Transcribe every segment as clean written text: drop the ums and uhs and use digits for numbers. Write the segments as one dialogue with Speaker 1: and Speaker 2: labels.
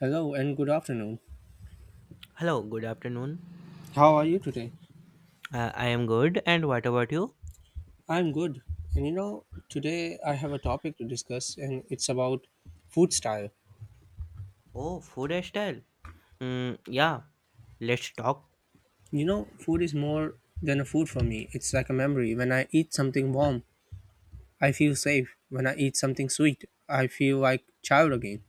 Speaker 1: Hello and good afternoon.
Speaker 2: Hello, good afternoon.
Speaker 1: How are you today?
Speaker 2: I am good, and what about you?
Speaker 1: I'm good. And you know, today I have a topic to discuss and it's about food style.
Speaker 2: Oh, food style. Mm, yeah, let's talk.
Speaker 1: You know, food is more than a food for me. It's like a memory. When I eat something warm, I feel safe. When I eat something sweet, I feel like child again.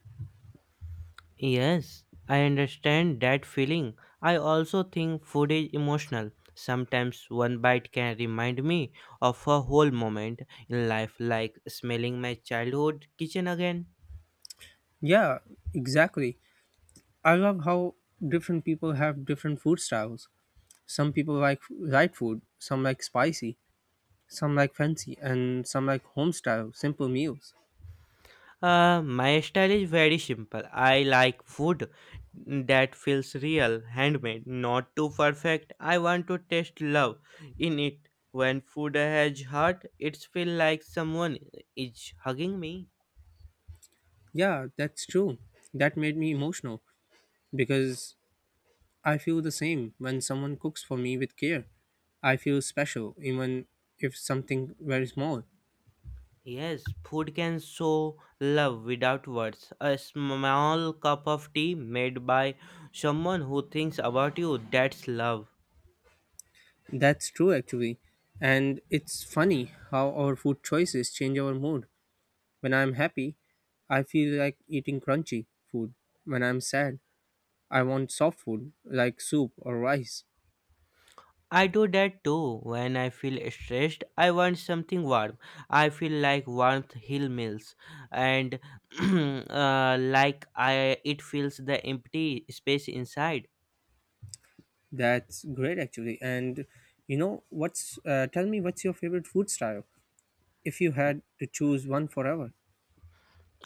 Speaker 2: Yes, I understand that feeling. I also think food is emotional. Sometimes one bite can remind me of a whole moment in life, like smelling my childhood kitchen again.
Speaker 1: Yeah, exactly. I love how different people have different food styles. Some people like light food, some like spicy, some like fancy, and some like home style, simple meals.
Speaker 2: My style is very simple. I like food that feels real, handmade, not too perfect. I want to taste love in it. When food has heart, it feels like someone is hugging me.
Speaker 1: Yeah, that's true. That made me emotional because I feel the same when someone cooks for me with care. I feel special even if something very small.
Speaker 2: Yes, food can show love without words. A small cup of tea made by someone who thinks about you, that's love.
Speaker 1: That's true actually. And it's funny how our food choices change our mood. When I'm happy, I feel like eating crunchy food. When I'm sad, I want soft food like soup or rice.
Speaker 2: I do that too. When I feel stressed, I want something warm. I feel like warmth heal meals, and like I it fills the empty space inside.
Speaker 1: That's great actually. And you know what's tell me what's your favorite food style? If you had to choose one forever.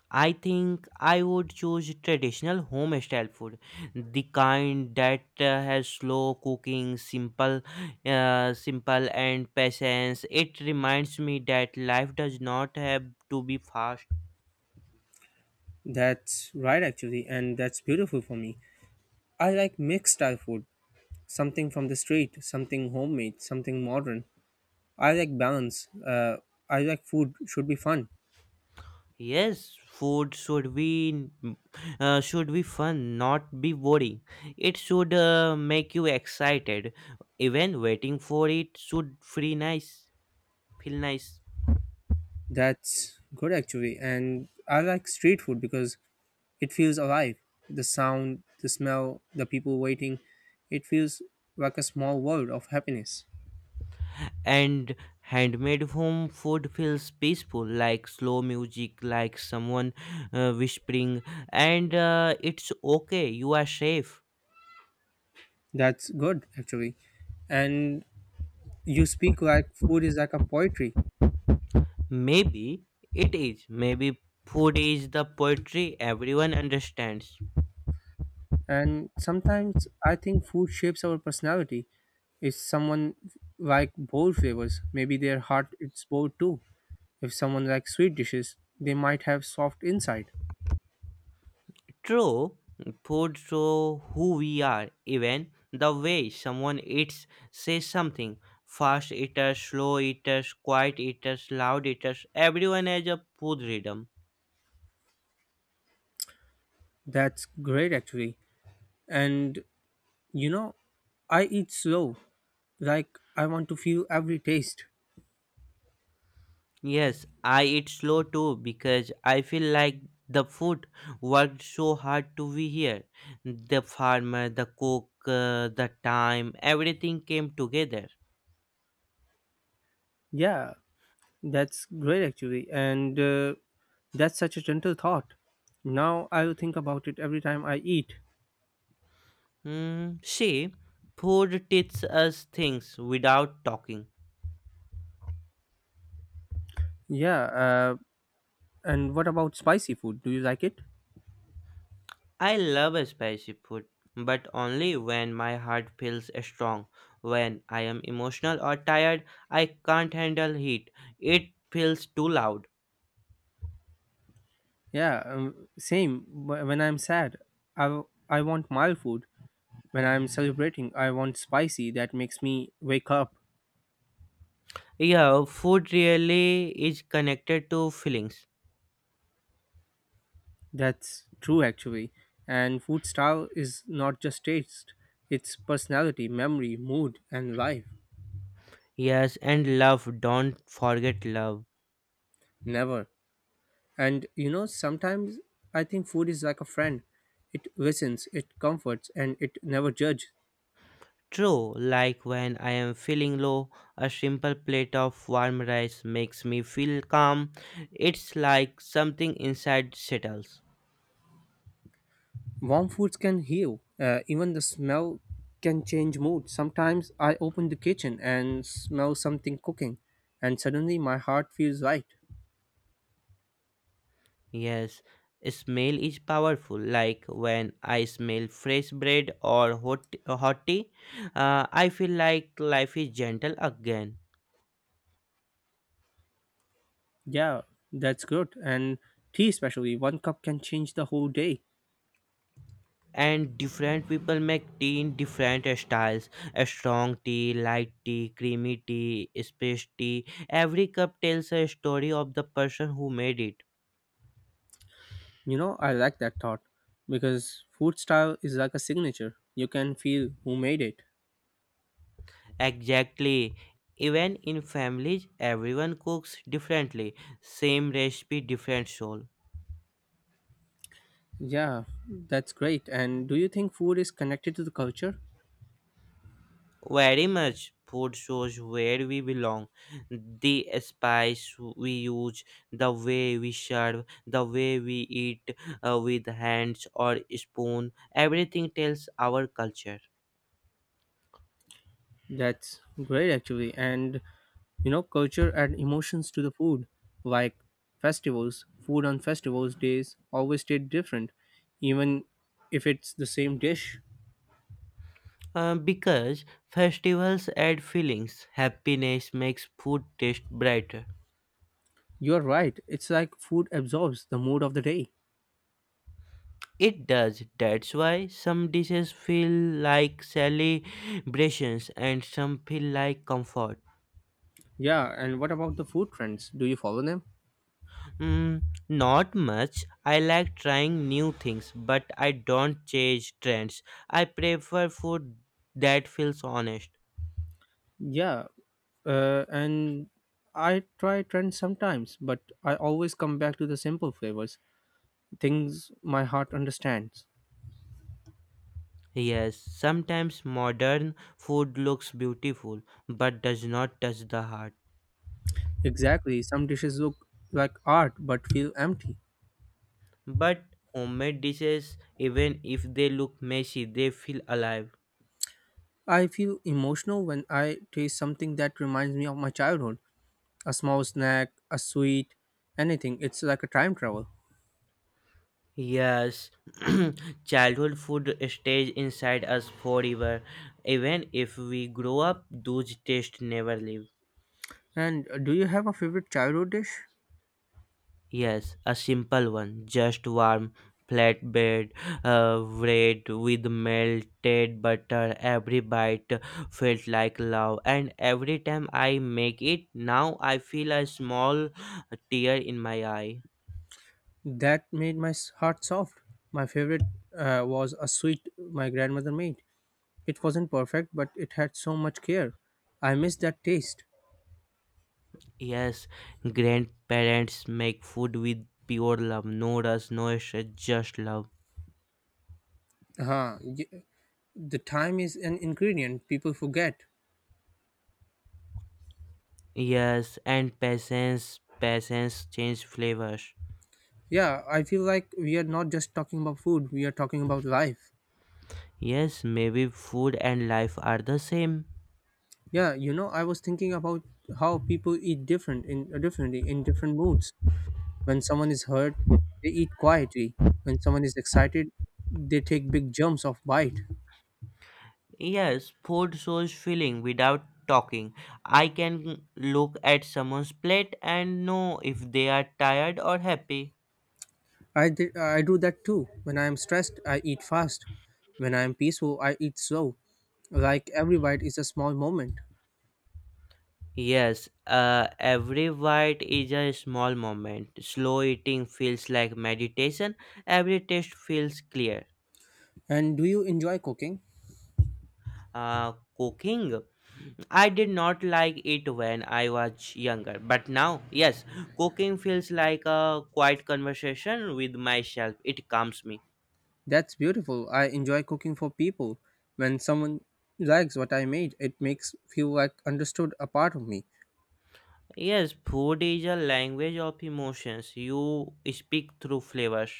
Speaker 2: I think I would choose traditional home style food, the kind that has slow cooking, simple, simple and patience. It reminds me that life does not have to be fast.
Speaker 1: That's right, actually, and that's beautiful for me. I like mixed style food, something from the street, something homemade, something modern. I like balance. I like food should be fun.
Speaker 2: Yes, food should be fun, not be boring. It should make you excited. Even waiting for it should feel nice.
Speaker 1: That's good, actually. And I like street food because it feels alive. The sound, the smell, the people waiting, it feels like a small world of happiness.
Speaker 2: And handmade home food feels peaceful, like slow music, like someone whispering, and it's okay. You are safe.
Speaker 1: That's good, actually. And you speak like food is like a poetry.
Speaker 2: Maybe it is. Maybe food is the poetry everyone understands.
Speaker 1: And sometimes I think food shapes our personality. If someone like bold flavors, maybe their heart is bold too. If someone likes sweet dishes, they might have soft inside.
Speaker 2: True, food show who we are. Even the way someone eats says something. Fast eaters, slow eaters, quiet eaters, loud eaters. Everyone has a food rhythm.
Speaker 1: That's great actually. And you know, I eat slow. Like I want to feel every taste.
Speaker 2: Yes, I eat slow too because I feel like the food worked so hard to be here. The farmer, the cook, the time, everything came together.
Speaker 1: Yeah, that's great actually. And that's such a gentle thought. Now I'll think about it every time I eat.
Speaker 2: Hmm. See, food teaches us things without talking.
Speaker 1: Yeah, and what about spicy food? Do you like it?
Speaker 2: I love spicy food, but only when my heart feels strong. When I am emotional or tired, I can't handle heat. It feels too loud.
Speaker 1: Yeah, same. When I'm sad, I want mild food. When I'm celebrating, I want spicy that makes me wake up.
Speaker 2: Yeah, food really is connected to feelings.
Speaker 1: That's true, actually. And food style is not just taste, it's personality, memory, mood, and life.
Speaker 2: Yes, and love, don't forget love.
Speaker 1: Never. And you know, sometimes I think food is like a friend. It listens, it comforts, and it never judges.
Speaker 2: True, like when I am feeling low, a simple plate of warm rice makes me feel calm. It's like something inside settles.
Speaker 1: Warm foods can heal. Even the smell can change mood. Sometimes I open the kitchen and smell something cooking, and suddenly my heart feels light.
Speaker 2: Yes, smell is powerful. Like when I smell fresh bread or hot tea, I feel like life is gentle again.
Speaker 1: Yeah, that's good. And tea, especially, one cup can change the whole day.
Speaker 2: And different people make tea in different styles a strong tea, light tea, creamy tea, space tea. Every cup tells a story of the person who made it.
Speaker 1: You know, I like that thought because food style is like a signature. You can feel who made it.
Speaker 2: Exactly. Even in families, everyone cooks differently. Same recipe, different soul.
Speaker 1: Yeah, that's great. And do you think food is connected to the culture?
Speaker 2: Very much. Food shows where we belong, the spice we use, the way we serve, the way we eat with hands or spoon. Everything tells our culture.
Speaker 1: That's great, actually. And you know, culture and emotions to the food, like festivals, food on festivals days always stayed different, even if it's the same dish.
Speaker 2: Because festivals add feelings, happiness makes food taste brighter.
Speaker 1: You're right. It's like food absorbs the mood of the day.
Speaker 2: It does. That's why some dishes feel like celebrations and some feel like comfort.
Speaker 1: Yeah. And what about the food trends? Do you follow them?
Speaker 2: Mm, not much. I like trying new things, but I don't chase trends. I prefer food that feels honest.
Speaker 1: Yeah. And I try trends sometimes, but I always come back to the simple flavors, things my heart understands.
Speaker 2: Yes, sometimes modern food looks beautiful but does not touch the heart.
Speaker 1: Exactly, some dishes look like art but feel empty.
Speaker 2: But homemade dishes, even if they look messy, they feel alive.
Speaker 1: I feel emotional when I taste something that reminds me of my childhood, a small snack, a sweet, anything. It's like a time travel.
Speaker 2: Yes, childhood food stays inside us forever. Even if we grow up, those tastes never leave.
Speaker 1: And do you have a favorite childhood dish?
Speaker 2: Yes, a simple one. Just warm flatbread bread with melted butter. Every bite felt like love, and every time I make it now, I feel a small tear in my eye.
Speaker 1: That made my heart soft. My favorite was a sweet my grandmother made. It wasn't perfect, but it had so much care. I miss that taste.
Speaker 2: Yes, grandparents make food with pure love, no rush, no stress, just love.
Speaker 1: uh The time is an ingredient people forget.
Speaker 2: Yes, and patience, patience change flavors.
Speaker 1: Yeah, I feel like we are not just talking about food, we are talking about life.
Speaker 2: Yes, maybe food and life are the same.
Speaker 1: Yeah, you know, I was thinking about how people eat different in differently in different moods. When someone is hurt, they eat quietly. When someone is excited, they take big jumps of bite.
Speaker 2: Yes, food shows feeling without talking. I can look at someone's plate and know if they are tired or happy.
Speaker 1: I do that too. When I am stressed, I eat fast. When I am peaceful, I eat slow. Like every bite is a small moment.
Speaker 2: Yes, every bite is a small moment. Slow eating feels like meditation. Every taste feels clear.
Speaker 1: And do you enjoy cooking?
Speaker 2: Cooking, I did not like it when I was younger, but now, yes, cooking feels like a quiet conversation with myself. It calms me.
Speaker 1: That's beautiful. I enjoy cooking for people. When someone likes what I made, it makes feel like understood a part of me.
Speaker 2: Yes, food is a language of emotions. You speak through flavors.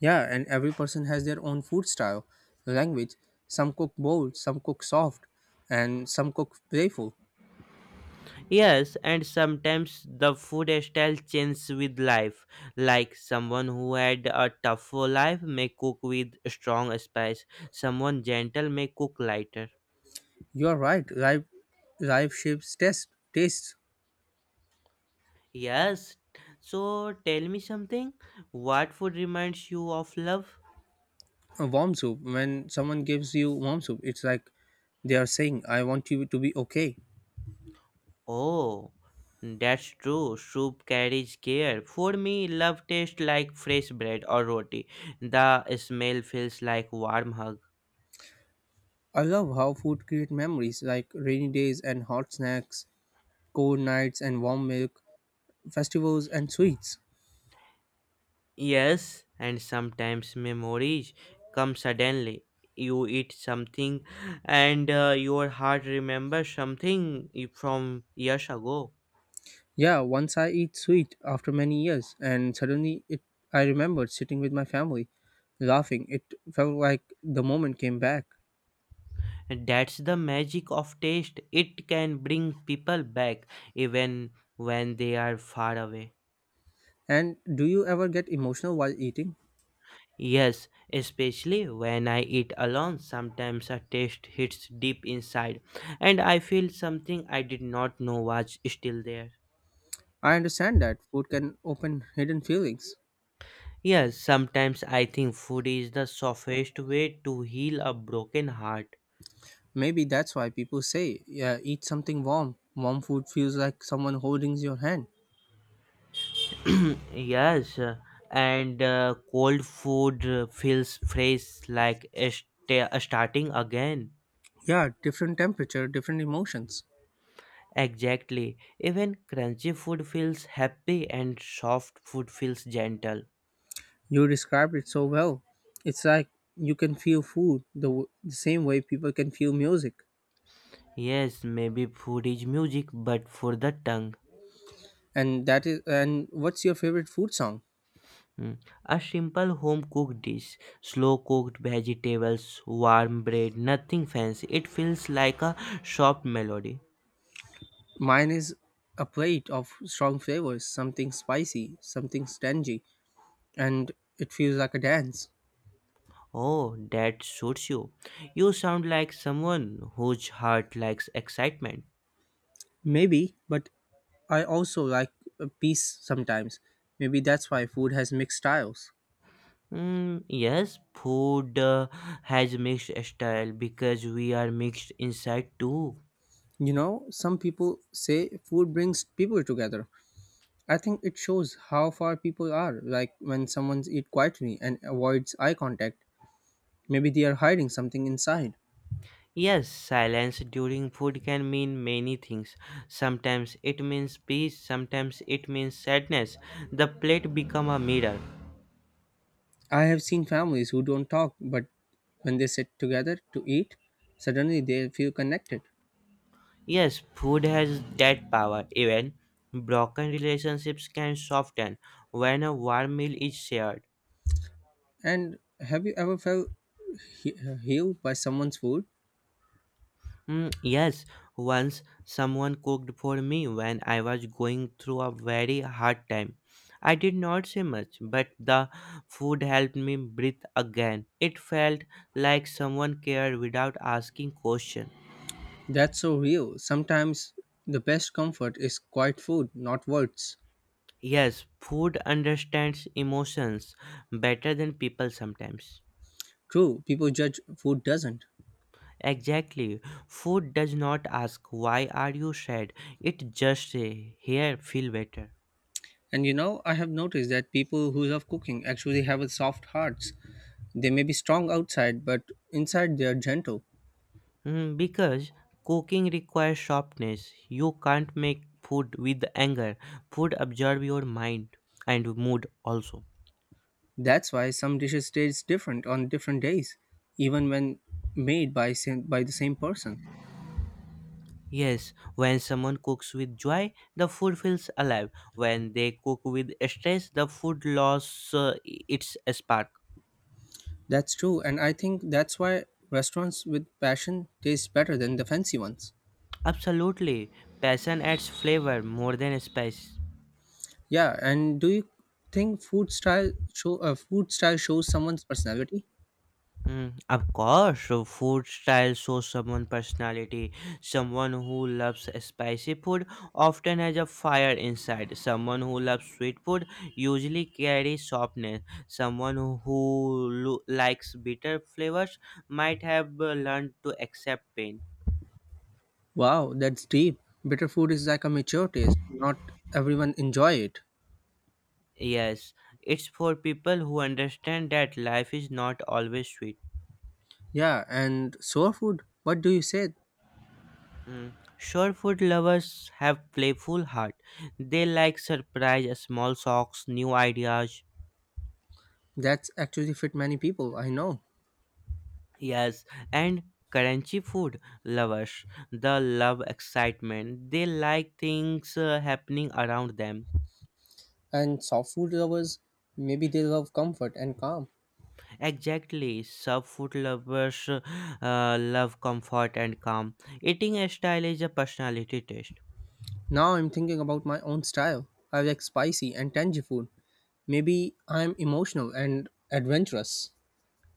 Speaker 1: Yeah, and every person has their own food style, language. Some cook bold, some cook soft, and some cook playful.
Speaker 2: Yes, and sometimes the food style changes with life. Like someone who had a tougher life may cook with strong spice, someone gentle may cook lighter.
Speaker 1: You're right. Life shapes test tastes.
Speaker 2: Yes, so tell me something. What food reminds you of love?
Speaker 1: A warm soup. When someone gives you warm soup, it's like they are saying, "I want you to be okay."
Speaker 2: Oh, that's true. Soup carries care. For me, love tastes like fresh bread or roti. The smell feels like warm hug.
Speaker 1: I love how food create memories like rainy days and hot snacks, cold nights and warm milk. Festivals and sweets.
Speaker 2: Yes, and sometimes memories come suddenly. You eat something, and your heart remembers from years ago.
Speaker 1: Yeah, once I eat sweet after many years, and I remembered sitting with my family, laughing. It felt like the moment came back.
Speaker 2: That's the magic of taste. It can bring people back even when they are far away.
Speaker 1: And do you ever get emotional while eating?
Speaker 2: Yes, especially when I eat alone, sometimes a taste hits deep inside and I feel something I did not know was still there.
Speaker 1: I understand that food can open hidden feelings.
Speaker 2: Yes, sometimes I think food is the softest way to heal a broken heart.
Speaker 1: Maybe that's why people say, yeah, eat something warm. Warm food feels like someone holding your hand.
Speaker 2: Yes, and cold food feels fresh like a starting again.
Speaker 1: Yeah, different temperature, different emotions.
Speaker 2: Exactly. Even crunchy food feels happy and soft food feels gentle.
Speaker 1: You described it so well. It's like you can feel the same way people can feel music.
Speaker 2: Yes, maybe food is music, but for the tongue.
Speaker 1: And that is and what's your favorite food song?
Speaker 2: Mm. A simple home cooked dish, slow cooked vegetables, warm bread, nothing fancy. It feels like a soft melody.
Speaker 1: Mine is a plate of strong flavors, something spicy, something tangy, and it feels like a dance.
Speaker 2: Oh, that suits you. You sound like someone whose heart likes excitement.
Speaker 1: Maybe, but I also like a peace sometimes. Maybe that's why food has mixed styles.
Speaker 2: Mm, yes, food has mixed style because we are mixed inside too.
Speaker 1: You know, some people say food brings people together. I think it shows how far people are, like when someone's eat quietly and avoids eye contact. Maybe they are hiding something inside.
Speaker 2: Yes, silence during food can mean many things. Sometimes it means peace, sometimes it means sadness. The plate become a mirror.
Speaker 1: I have seen families who don't talk, but when they sit together to eat, suddenly they feel connected.
Speaker 2: Yes, food has that power. Even broken relationships can soften when a warm meal is shared.
Speaker 1: And have you ever felt healed by someone's food?
Speaker 2: Mm, yes, once someone cooked for me when I was going through a very hard time. I did not say much, but the food helped me breathe again. It felt like someone cared without asking questions.
Speaker 1: That's so real. Sometimes the best comfort is quiet food, not words.
Speaker 2: Yes, food understands emotions better than people sometimes.
Speaker 1: True, people judge food doesn't.
Speaker 2: Exactly. Food does not ask why are you sad. It just say here feel better.
Speaker 1: And you know, I have noticed that people who love cooking actually have a soft hearts. They may be strong outside, but inside they are gentle.
Speaker 2: Mm, because cooking requires sharpness. You can't make food with anger. Food absorbs your mind and mood also.
Speaker 1: That's why some dishes taste different on different days, even when by the same person.
Speaker 2: Yes, when someone cooks with joy, the food feels alive. When they cook with stress, the food loses its spark.
Speaker 1: That's true, and I think that's why restaurants with passion taste better than the fancy ones.
Speaker 2: Absolutely, passion adds flavor more than spice.
Speaker 1: Yeah, and do you think food style shows someone's personality?
Speaker 2: Mm, of course, food style shows someone's personality. Someone who loves spicy food often has a fire inside. Someone who loves sweet food usually carries softness. Someone who likes bitter flavors might have learned to accept pain.
Speaker 1: Wow, that's deep. Bitter food is like a mature taste. Not everyone enjoy it.
Speaker 2: Yes, it's for people who understand that life is not always sweet.
Speaker 1: Yeah, and soul food, what do you say?
Speaker 2: Mm. Sure, food lovers have playful heart. They like surprise, small shocks, new ideas.
Speaker 1: That's actually fit many people, I know.
Speaker 2: Yes, and crunchy food lovers, the love excitement. They like things happening around them.
Speaker 1: And soft food lovers, maybe they love comfort and calm.
Speaker 2: Exactly, sub food lovers love comfort and calm. Eating style is a personality test.
Speaker 1: Now I'm thinking about my own style. I like spicy and tangy food. Maybe I'm emotional and adventurous.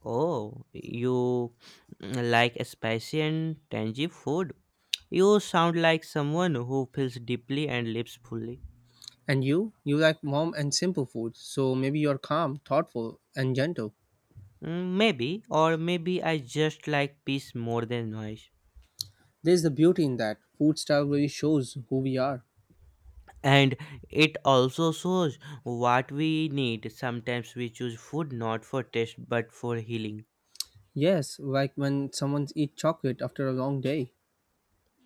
Speaker 2: Oh, you like spicy and tangy food? You sound like someone who feels deeply and lives fully.
Speaker 1: And you like warm and simple food, so maybe you're calm, thoughtful, and gentle.
Speaker 2: Mm, maybe, or maybe I just like peace more than noise.
Speaker 1: There's the beauty in that. Food style really shows who we are.
Speaker 2: And it also shows what we need. Sometimes we choose food not for taste but for healing.
Speaker 1: Yes, like when someone eats chocolate after a long day.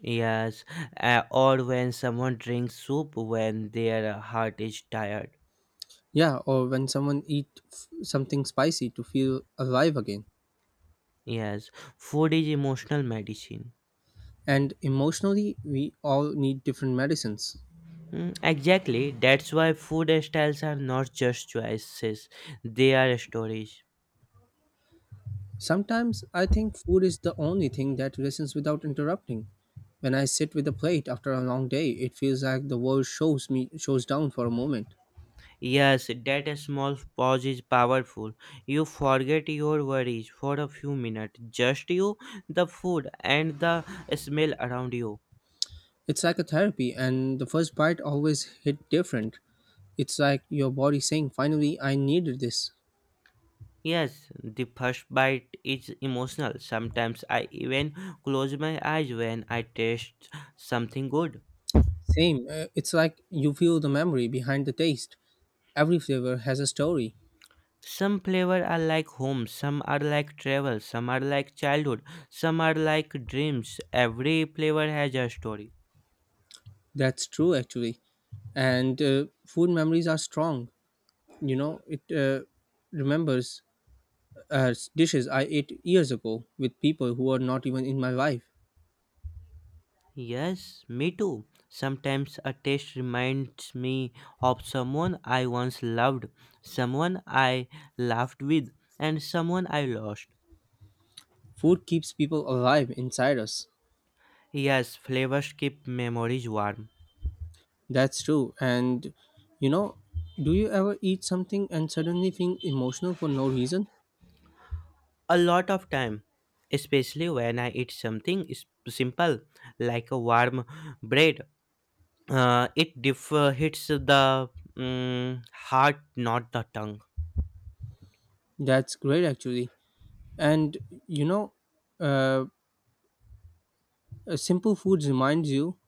Speaker 2: Yes, or when someone drinks soup when their heart is tired.
Speaker 1: Yeah, or when someone something spicy to feel alive again.
Speaker 2: Yes, food is emotional medicine.
Speaker 1: And emotionally, we all need different medicines.
Speaker 2: Mm, exactly. That's why food styles are not just choices, they are stories.
Speaker 1: Sometimes I think food is the only thing that listens without interrupting. When I sit with a plate after a long day, it feels like the world shows me shows down for a moment.
Speaker 2: Yes, that small pause is powerful. You forget your worries for a few minutes. Just you, the food, and the smell around you.
Speaker 1: It's like a therapy and the first bite always hit different. It's like your body saying, "Finally, I needed this."
Speaker 2: Yes, the first bite is emotional. Sometimes I even close my eyes when I taste something good.
Speaker 1: Same, it's like you feel the memory behind the taste. Every flavor has a story.
Speaker 2: Some flavor are like home, some are like travel, some are like childhood, some are like dreams. Every flavor has a story.
Speaker 1: That's true, actually. And food memories are strong. You know, it remembers dishes I ate years ago with people who are not even in my life.
Speaker 2: Yes, me too. Sometimes a taste reminds me of someone I once loved, someone I laughed with, and someone I lost.
Speaker 1: Food keeps people alive inside us.
Speaker 2: Yes, flavors keep memories warm.
Speaker 1: That's true. And, you know, do you ever eat something and suddenly feel emotional for no reason?
Speaker 2: A lot of time, especially when I eat something simple like a warm bread, hits the heart not the tongue.
Speaker 1: That's great, actually. And, you know, uh, a simple food reminds you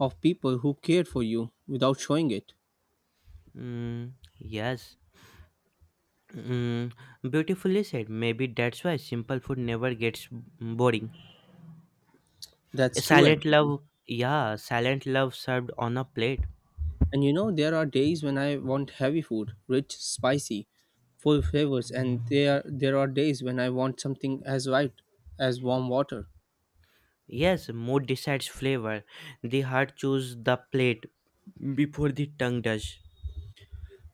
Speaker 1: of people who cared for you without showing it.
Speaker 2: Mm, yes. mm, Beautifully said. Maybe that's why simple food never gets boring.
Speaker 1: That's true,
Speaker 2: Silent love.
Speaker 1: actually.
Speaker 2: Yeah, silent love served on a plate.
Speaker 1: And you know, there are days when I want heavy food, rich, spicy, full flavors, and there are days when I want something as light as warm water.
Speaker 2: Yes, mood decides flavor. The heart chooses the plate before the tongue does.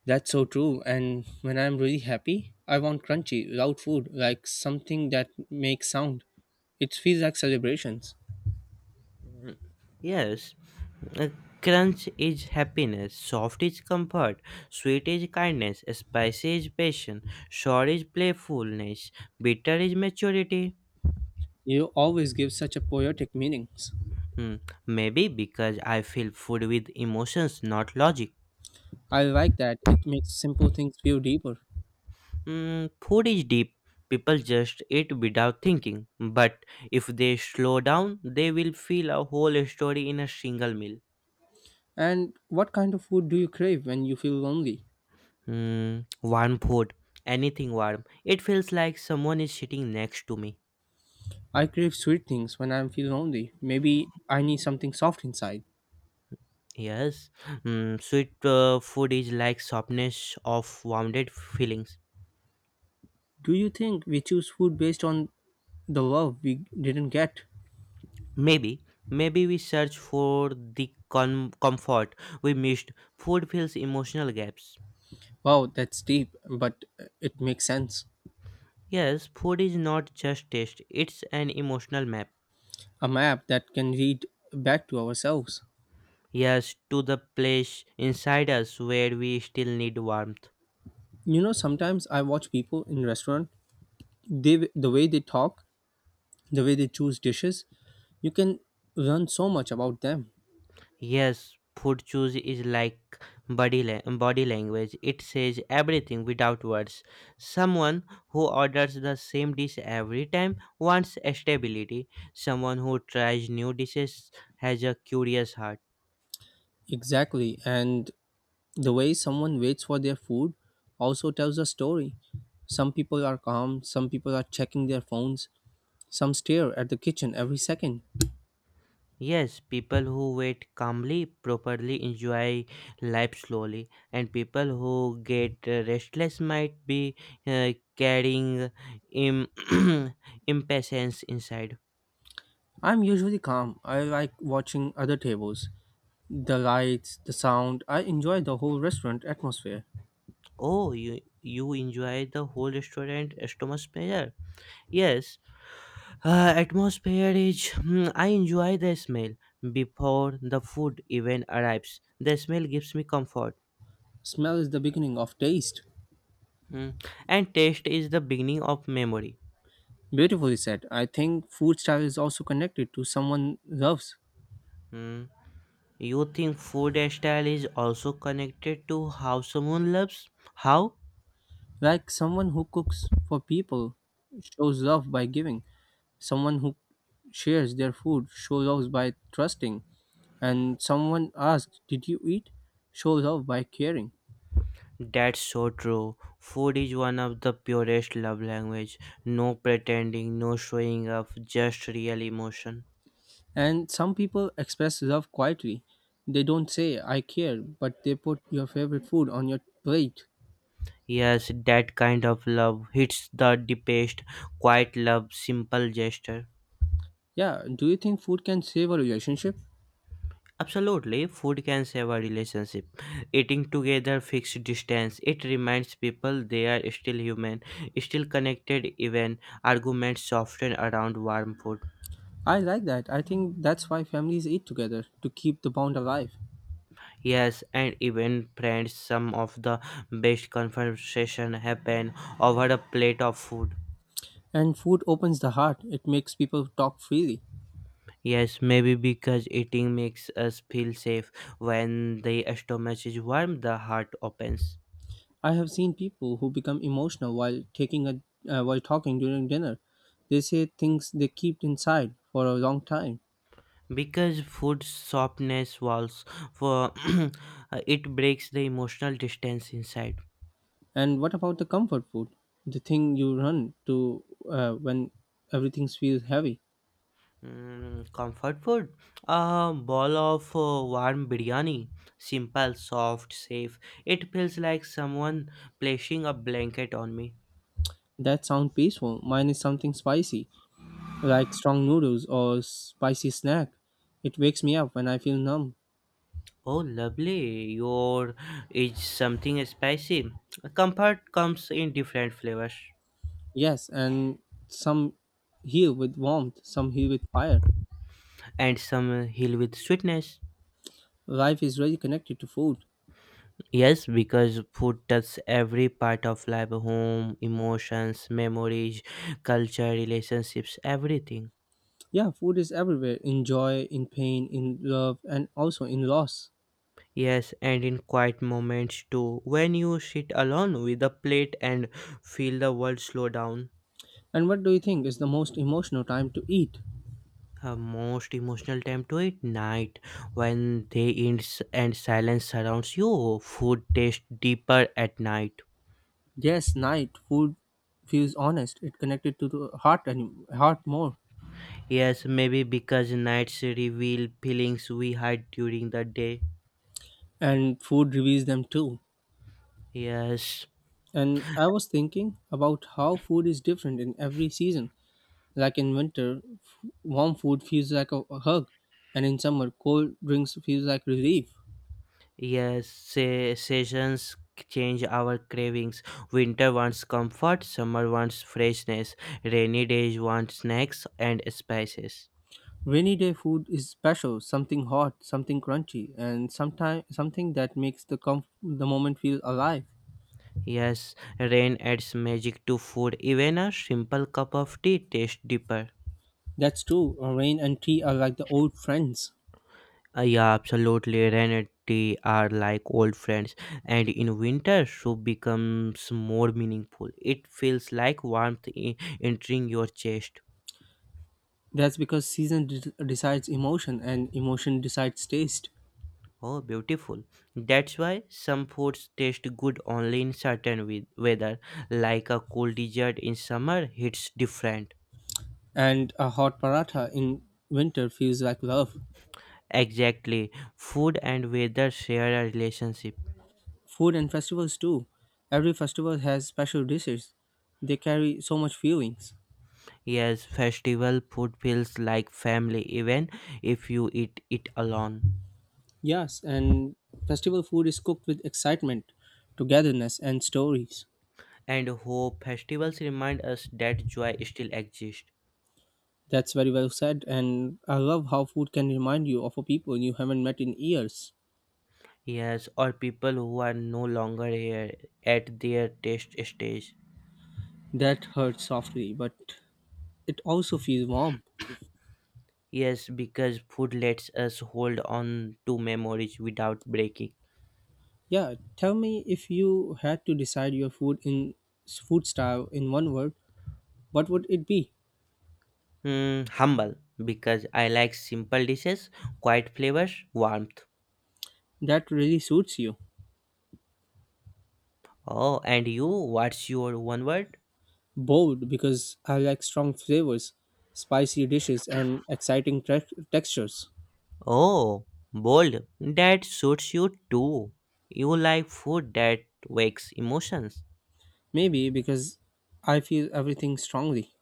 Speaker 1: That's so true. And when I'm really happy, I want crunchy, loud food, like something that makes sound. It feels like celebrations.
Speaker 2: Mm, yes. A crunch is happiness, soft is comfort, sweet is kindness, spicy is passion, sour is playfulness, bitter is maturity.
Speaker 1: You always give such a poetic meanings.
Speaker 2: Hmm, maybe because I feel food with emotions, not logic.
Speaker 1: I like that. It makes simple things feel deeper.
Speaker 2: Hmm, food is deep. People just eat without thinking. But if they slow down, they will feel a whole story in a single meal.
Speaker 1: And what kind of food do you crave when you feel lonely?
Speaker 2: Hmm, warm food, anything warm. It feels like someone is sitting next to me.
Speaker 1: I crave sweet things when I feel lonely. Maybe I need something soft inside.
Speaker 2: Yes, sweet food is like softness of wounded feelings.
Speaker 1: Do you think we choose food based on the love we didn't get?
Speaker 2: Maybe, maybe we search for the comfort we missed. Food fills emotional gaps.
Speaker 1: Wow, that's deep, but it makes sense.
Speaker 2: Yes, food is not just taste; it's an emotional map.
Speaker 1: A map that can read back to ourselves.
Speaker 2: Yes, to the place inside us where we still need warmth.
Speaker 1: You know, sometimes I watch people in restaurant, the way they talk, the way they choose dishes, you can learn so much about them.
Speaker 2: Yes, food choice is like body language. It says everything without words. Someone who orders the same dish every time wants stability. Someone who tries new dishes has a curious heart.
Speaker 1: Exactly, and the way someone waits for their food also tells a story. Some people are calm, some people are checking their phones, some stare at the kitchen every second.
Speaker 2: Yes, people who wait calmly, properly enjoy life slowly, and people who get restless might be carrying im- impatience inside.
Speaker 1: I'm usually calm. I like watching other tables. The lights, the sound, I enjoy the whole restaurant atmosphere.
Speaker 2: Oh, you enjoy the whole restaurant atmosphere? Yes, atmosphere is. Hmm, I enjoy the smell before the food even arrives. The smell gives me comfort.
Speaker 1: Smell is the beginning of taste.
Speaker 2: Hmm, and taste is the beginning of memory.
Speaker 1: Beautifully said. I think food style is also connected to someone loves.
Speaker 2: Hmm, you think food style is also connected to how someone loves? How?
Speaker 1: Like someone who cooks for people shows love by giving. Someone who shares their food shows love by trusting, and someone asks, Did you eat? Shows love by caring.
Speaker 2: That's so true. Food is one of the purest love language. No pretending, no showing off, just real emotion.
Speaker 1: And some people express love quietly. They don't say, I care, but they put your favorite food on your plate.
Speaker 2: Yes, that kind of love hits the deepest, quiet love, simple gesture.
Speaker 1: Yeah, do you think food can save a relationship?
Speaker 2: Absolutely, food can save a relationship. Eating together fixed distance. It reminds people they are still human, still connected even arguments soften around warm food.
Speaker 1: I like that. I think that's why families eat together, to keep the bond alive.
Speaker 2: Yes, and even friends some of the best conversation happen over a plate of food.
Speaker 1: And food opens the heart, it makes people talk freely.
Speaker 2: Yes, maybe because eating makes us feel safe. When the stomach is warm, the heart opens.
Speaker 1: I have seen people who become emotional while taking a while talking during dinner. They say things they keep inside for a long time.
Speaker 2: Because food softness walls for it breaks the emotional distance inside.
Speaker 1: And what about the comfort food? The thing you run to when everything feels heavy.
Speaker 2: Mm, comfort food, a ball of warm biryani, simple, soft, safe. It feels like someone placing a blanket on me.
Speaker 1: That sounds peaceful. Mine is something spicy, like strong noodles or spicy snack. It wakes me up when I feel numb.
Speaker 2: Oh, lovely. Your is something spicy. Comfort comes in different flavors
Speaker 1: Yes, and some heal with warmth, some heal with fire.
Speaker 2: and some heal with sweetness.
Speaker 1: Life is really connected to food.
Speaker 2: Yes, because food touches every part of life home, emotions, memories, culture, relationships, everything.
Speaker 1: Yeah, food is everywhere in joy, in pain, in love, and also in loss.
Speaker 2: Yes, and in quiet moments too, when you sit alone with a plate and feel the world slow down.
Speaker 1: And what do you think is the most emotional time to eat?
Speaker 2: Her most emotional time to eat night when they end and silence surrounds you. Food tastes deeper at night.
Speaker 1: Yes, night. Food feels honest. It connected to the heart and heart more.
Speaker 2: Yes, maybe because nights reveal feelings we hide during the day.
Speaker 1: And food reveals them too.
Speaker 2: Yes,
Speaker 1: And I was thinking about how food is different in every season. Like in winter, warm food feels like a hug, and in summer, cold drinks feels like relief.
Speaker 2: yes, say, seasons change our cravings. Winter wants comfort, summer wants freshness, rainy days want snacks and spices.
Speaker 1: Rainy day food is special, something hot, something crunchy, and sometime something that makes the moment feel alive.
Speaker 2: Yes, rain adds magic to food. Even a simple cup of tea tastes deeper.
Speaker 1: That's true. Rain and tea are like the old friends.
Speaker 2: Yeah, absolutely. Rain and tea are like old friends, and in winter, soup becomes more meaningful. It feels like warmth entering your chest.
Speaker 1: That's because decides emotion and emotion decides taste.
Speaker 2: Oh, beautiful. That's why some foods taste good only in certain weather, like a cool dessert in summer hits different.
Speaker 1: And a hot paratha in winter feels like love.
Speaker 2: Exactly. Food and weather share a relationship.
Speaker 1: Food and festivals too. Every festival has special dishes. They carry so much feelings.
Speaker 2: Yes, festival food feels like family, even if you eat it alone.
Speaker 1: Yes, and festival food is cooked with excitement, togetherness, and stories.
Speaker 2: And hope. Festivals remind us that joy still exists.
Speaker 1: That's very well said, and I love how food can remind you of a people you haven't met in years.
Speaker 2: Yes, or people who are no longer here at their taste stage.
Speaker 1: That hurts softly, but it also feels warm.
Speaker 2: Yes, because food lets us hold on to memories without breaking.
Speaker 1: Yeah, tell me if you had to decide your food in food style in one word, what would it be?
Speaker 2: Hmm, humble, because I like simple dishes, quiet flavors, warmth.
Speaker 1: That really suits you.
Speaker 2: Oh, and you, what's your one word?
Speaker 1: Bold because I like strong flavors, spicy dishes, and exciting textures.
Speaker 2: Oh, bold. That suits you too. You like food that wakes emotions.
Speaker 1: Maybe because I feel everything strongly.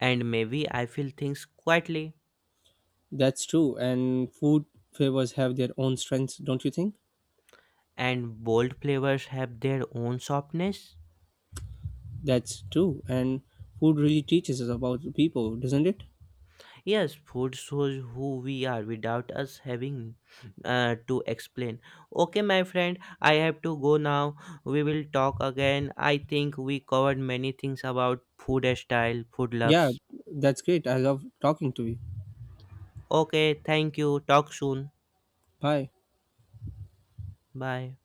Speaker 2: And maybe I feel things quietly.
Speaker 1: That's true. And food flavors have their own strengths, don't you think?
Speaker 2: And bold flavors have their own softness.
Speaker 1: That's true. And food really teaches us about people, doesn't it?
Speaker 2: Yes, food shows who we are without us having to explain. Okay, my friend, I have to go now. We will talk again. I think we covered many things about food style, food
Speaker 1: Yeah,
Speaker 2: loves.
Speaker 1: that's great. I love talking to you.
Speaker 2: Okay, thank you. Talk soon.
Speaker 1: Bye.
Speaker 2: Bye.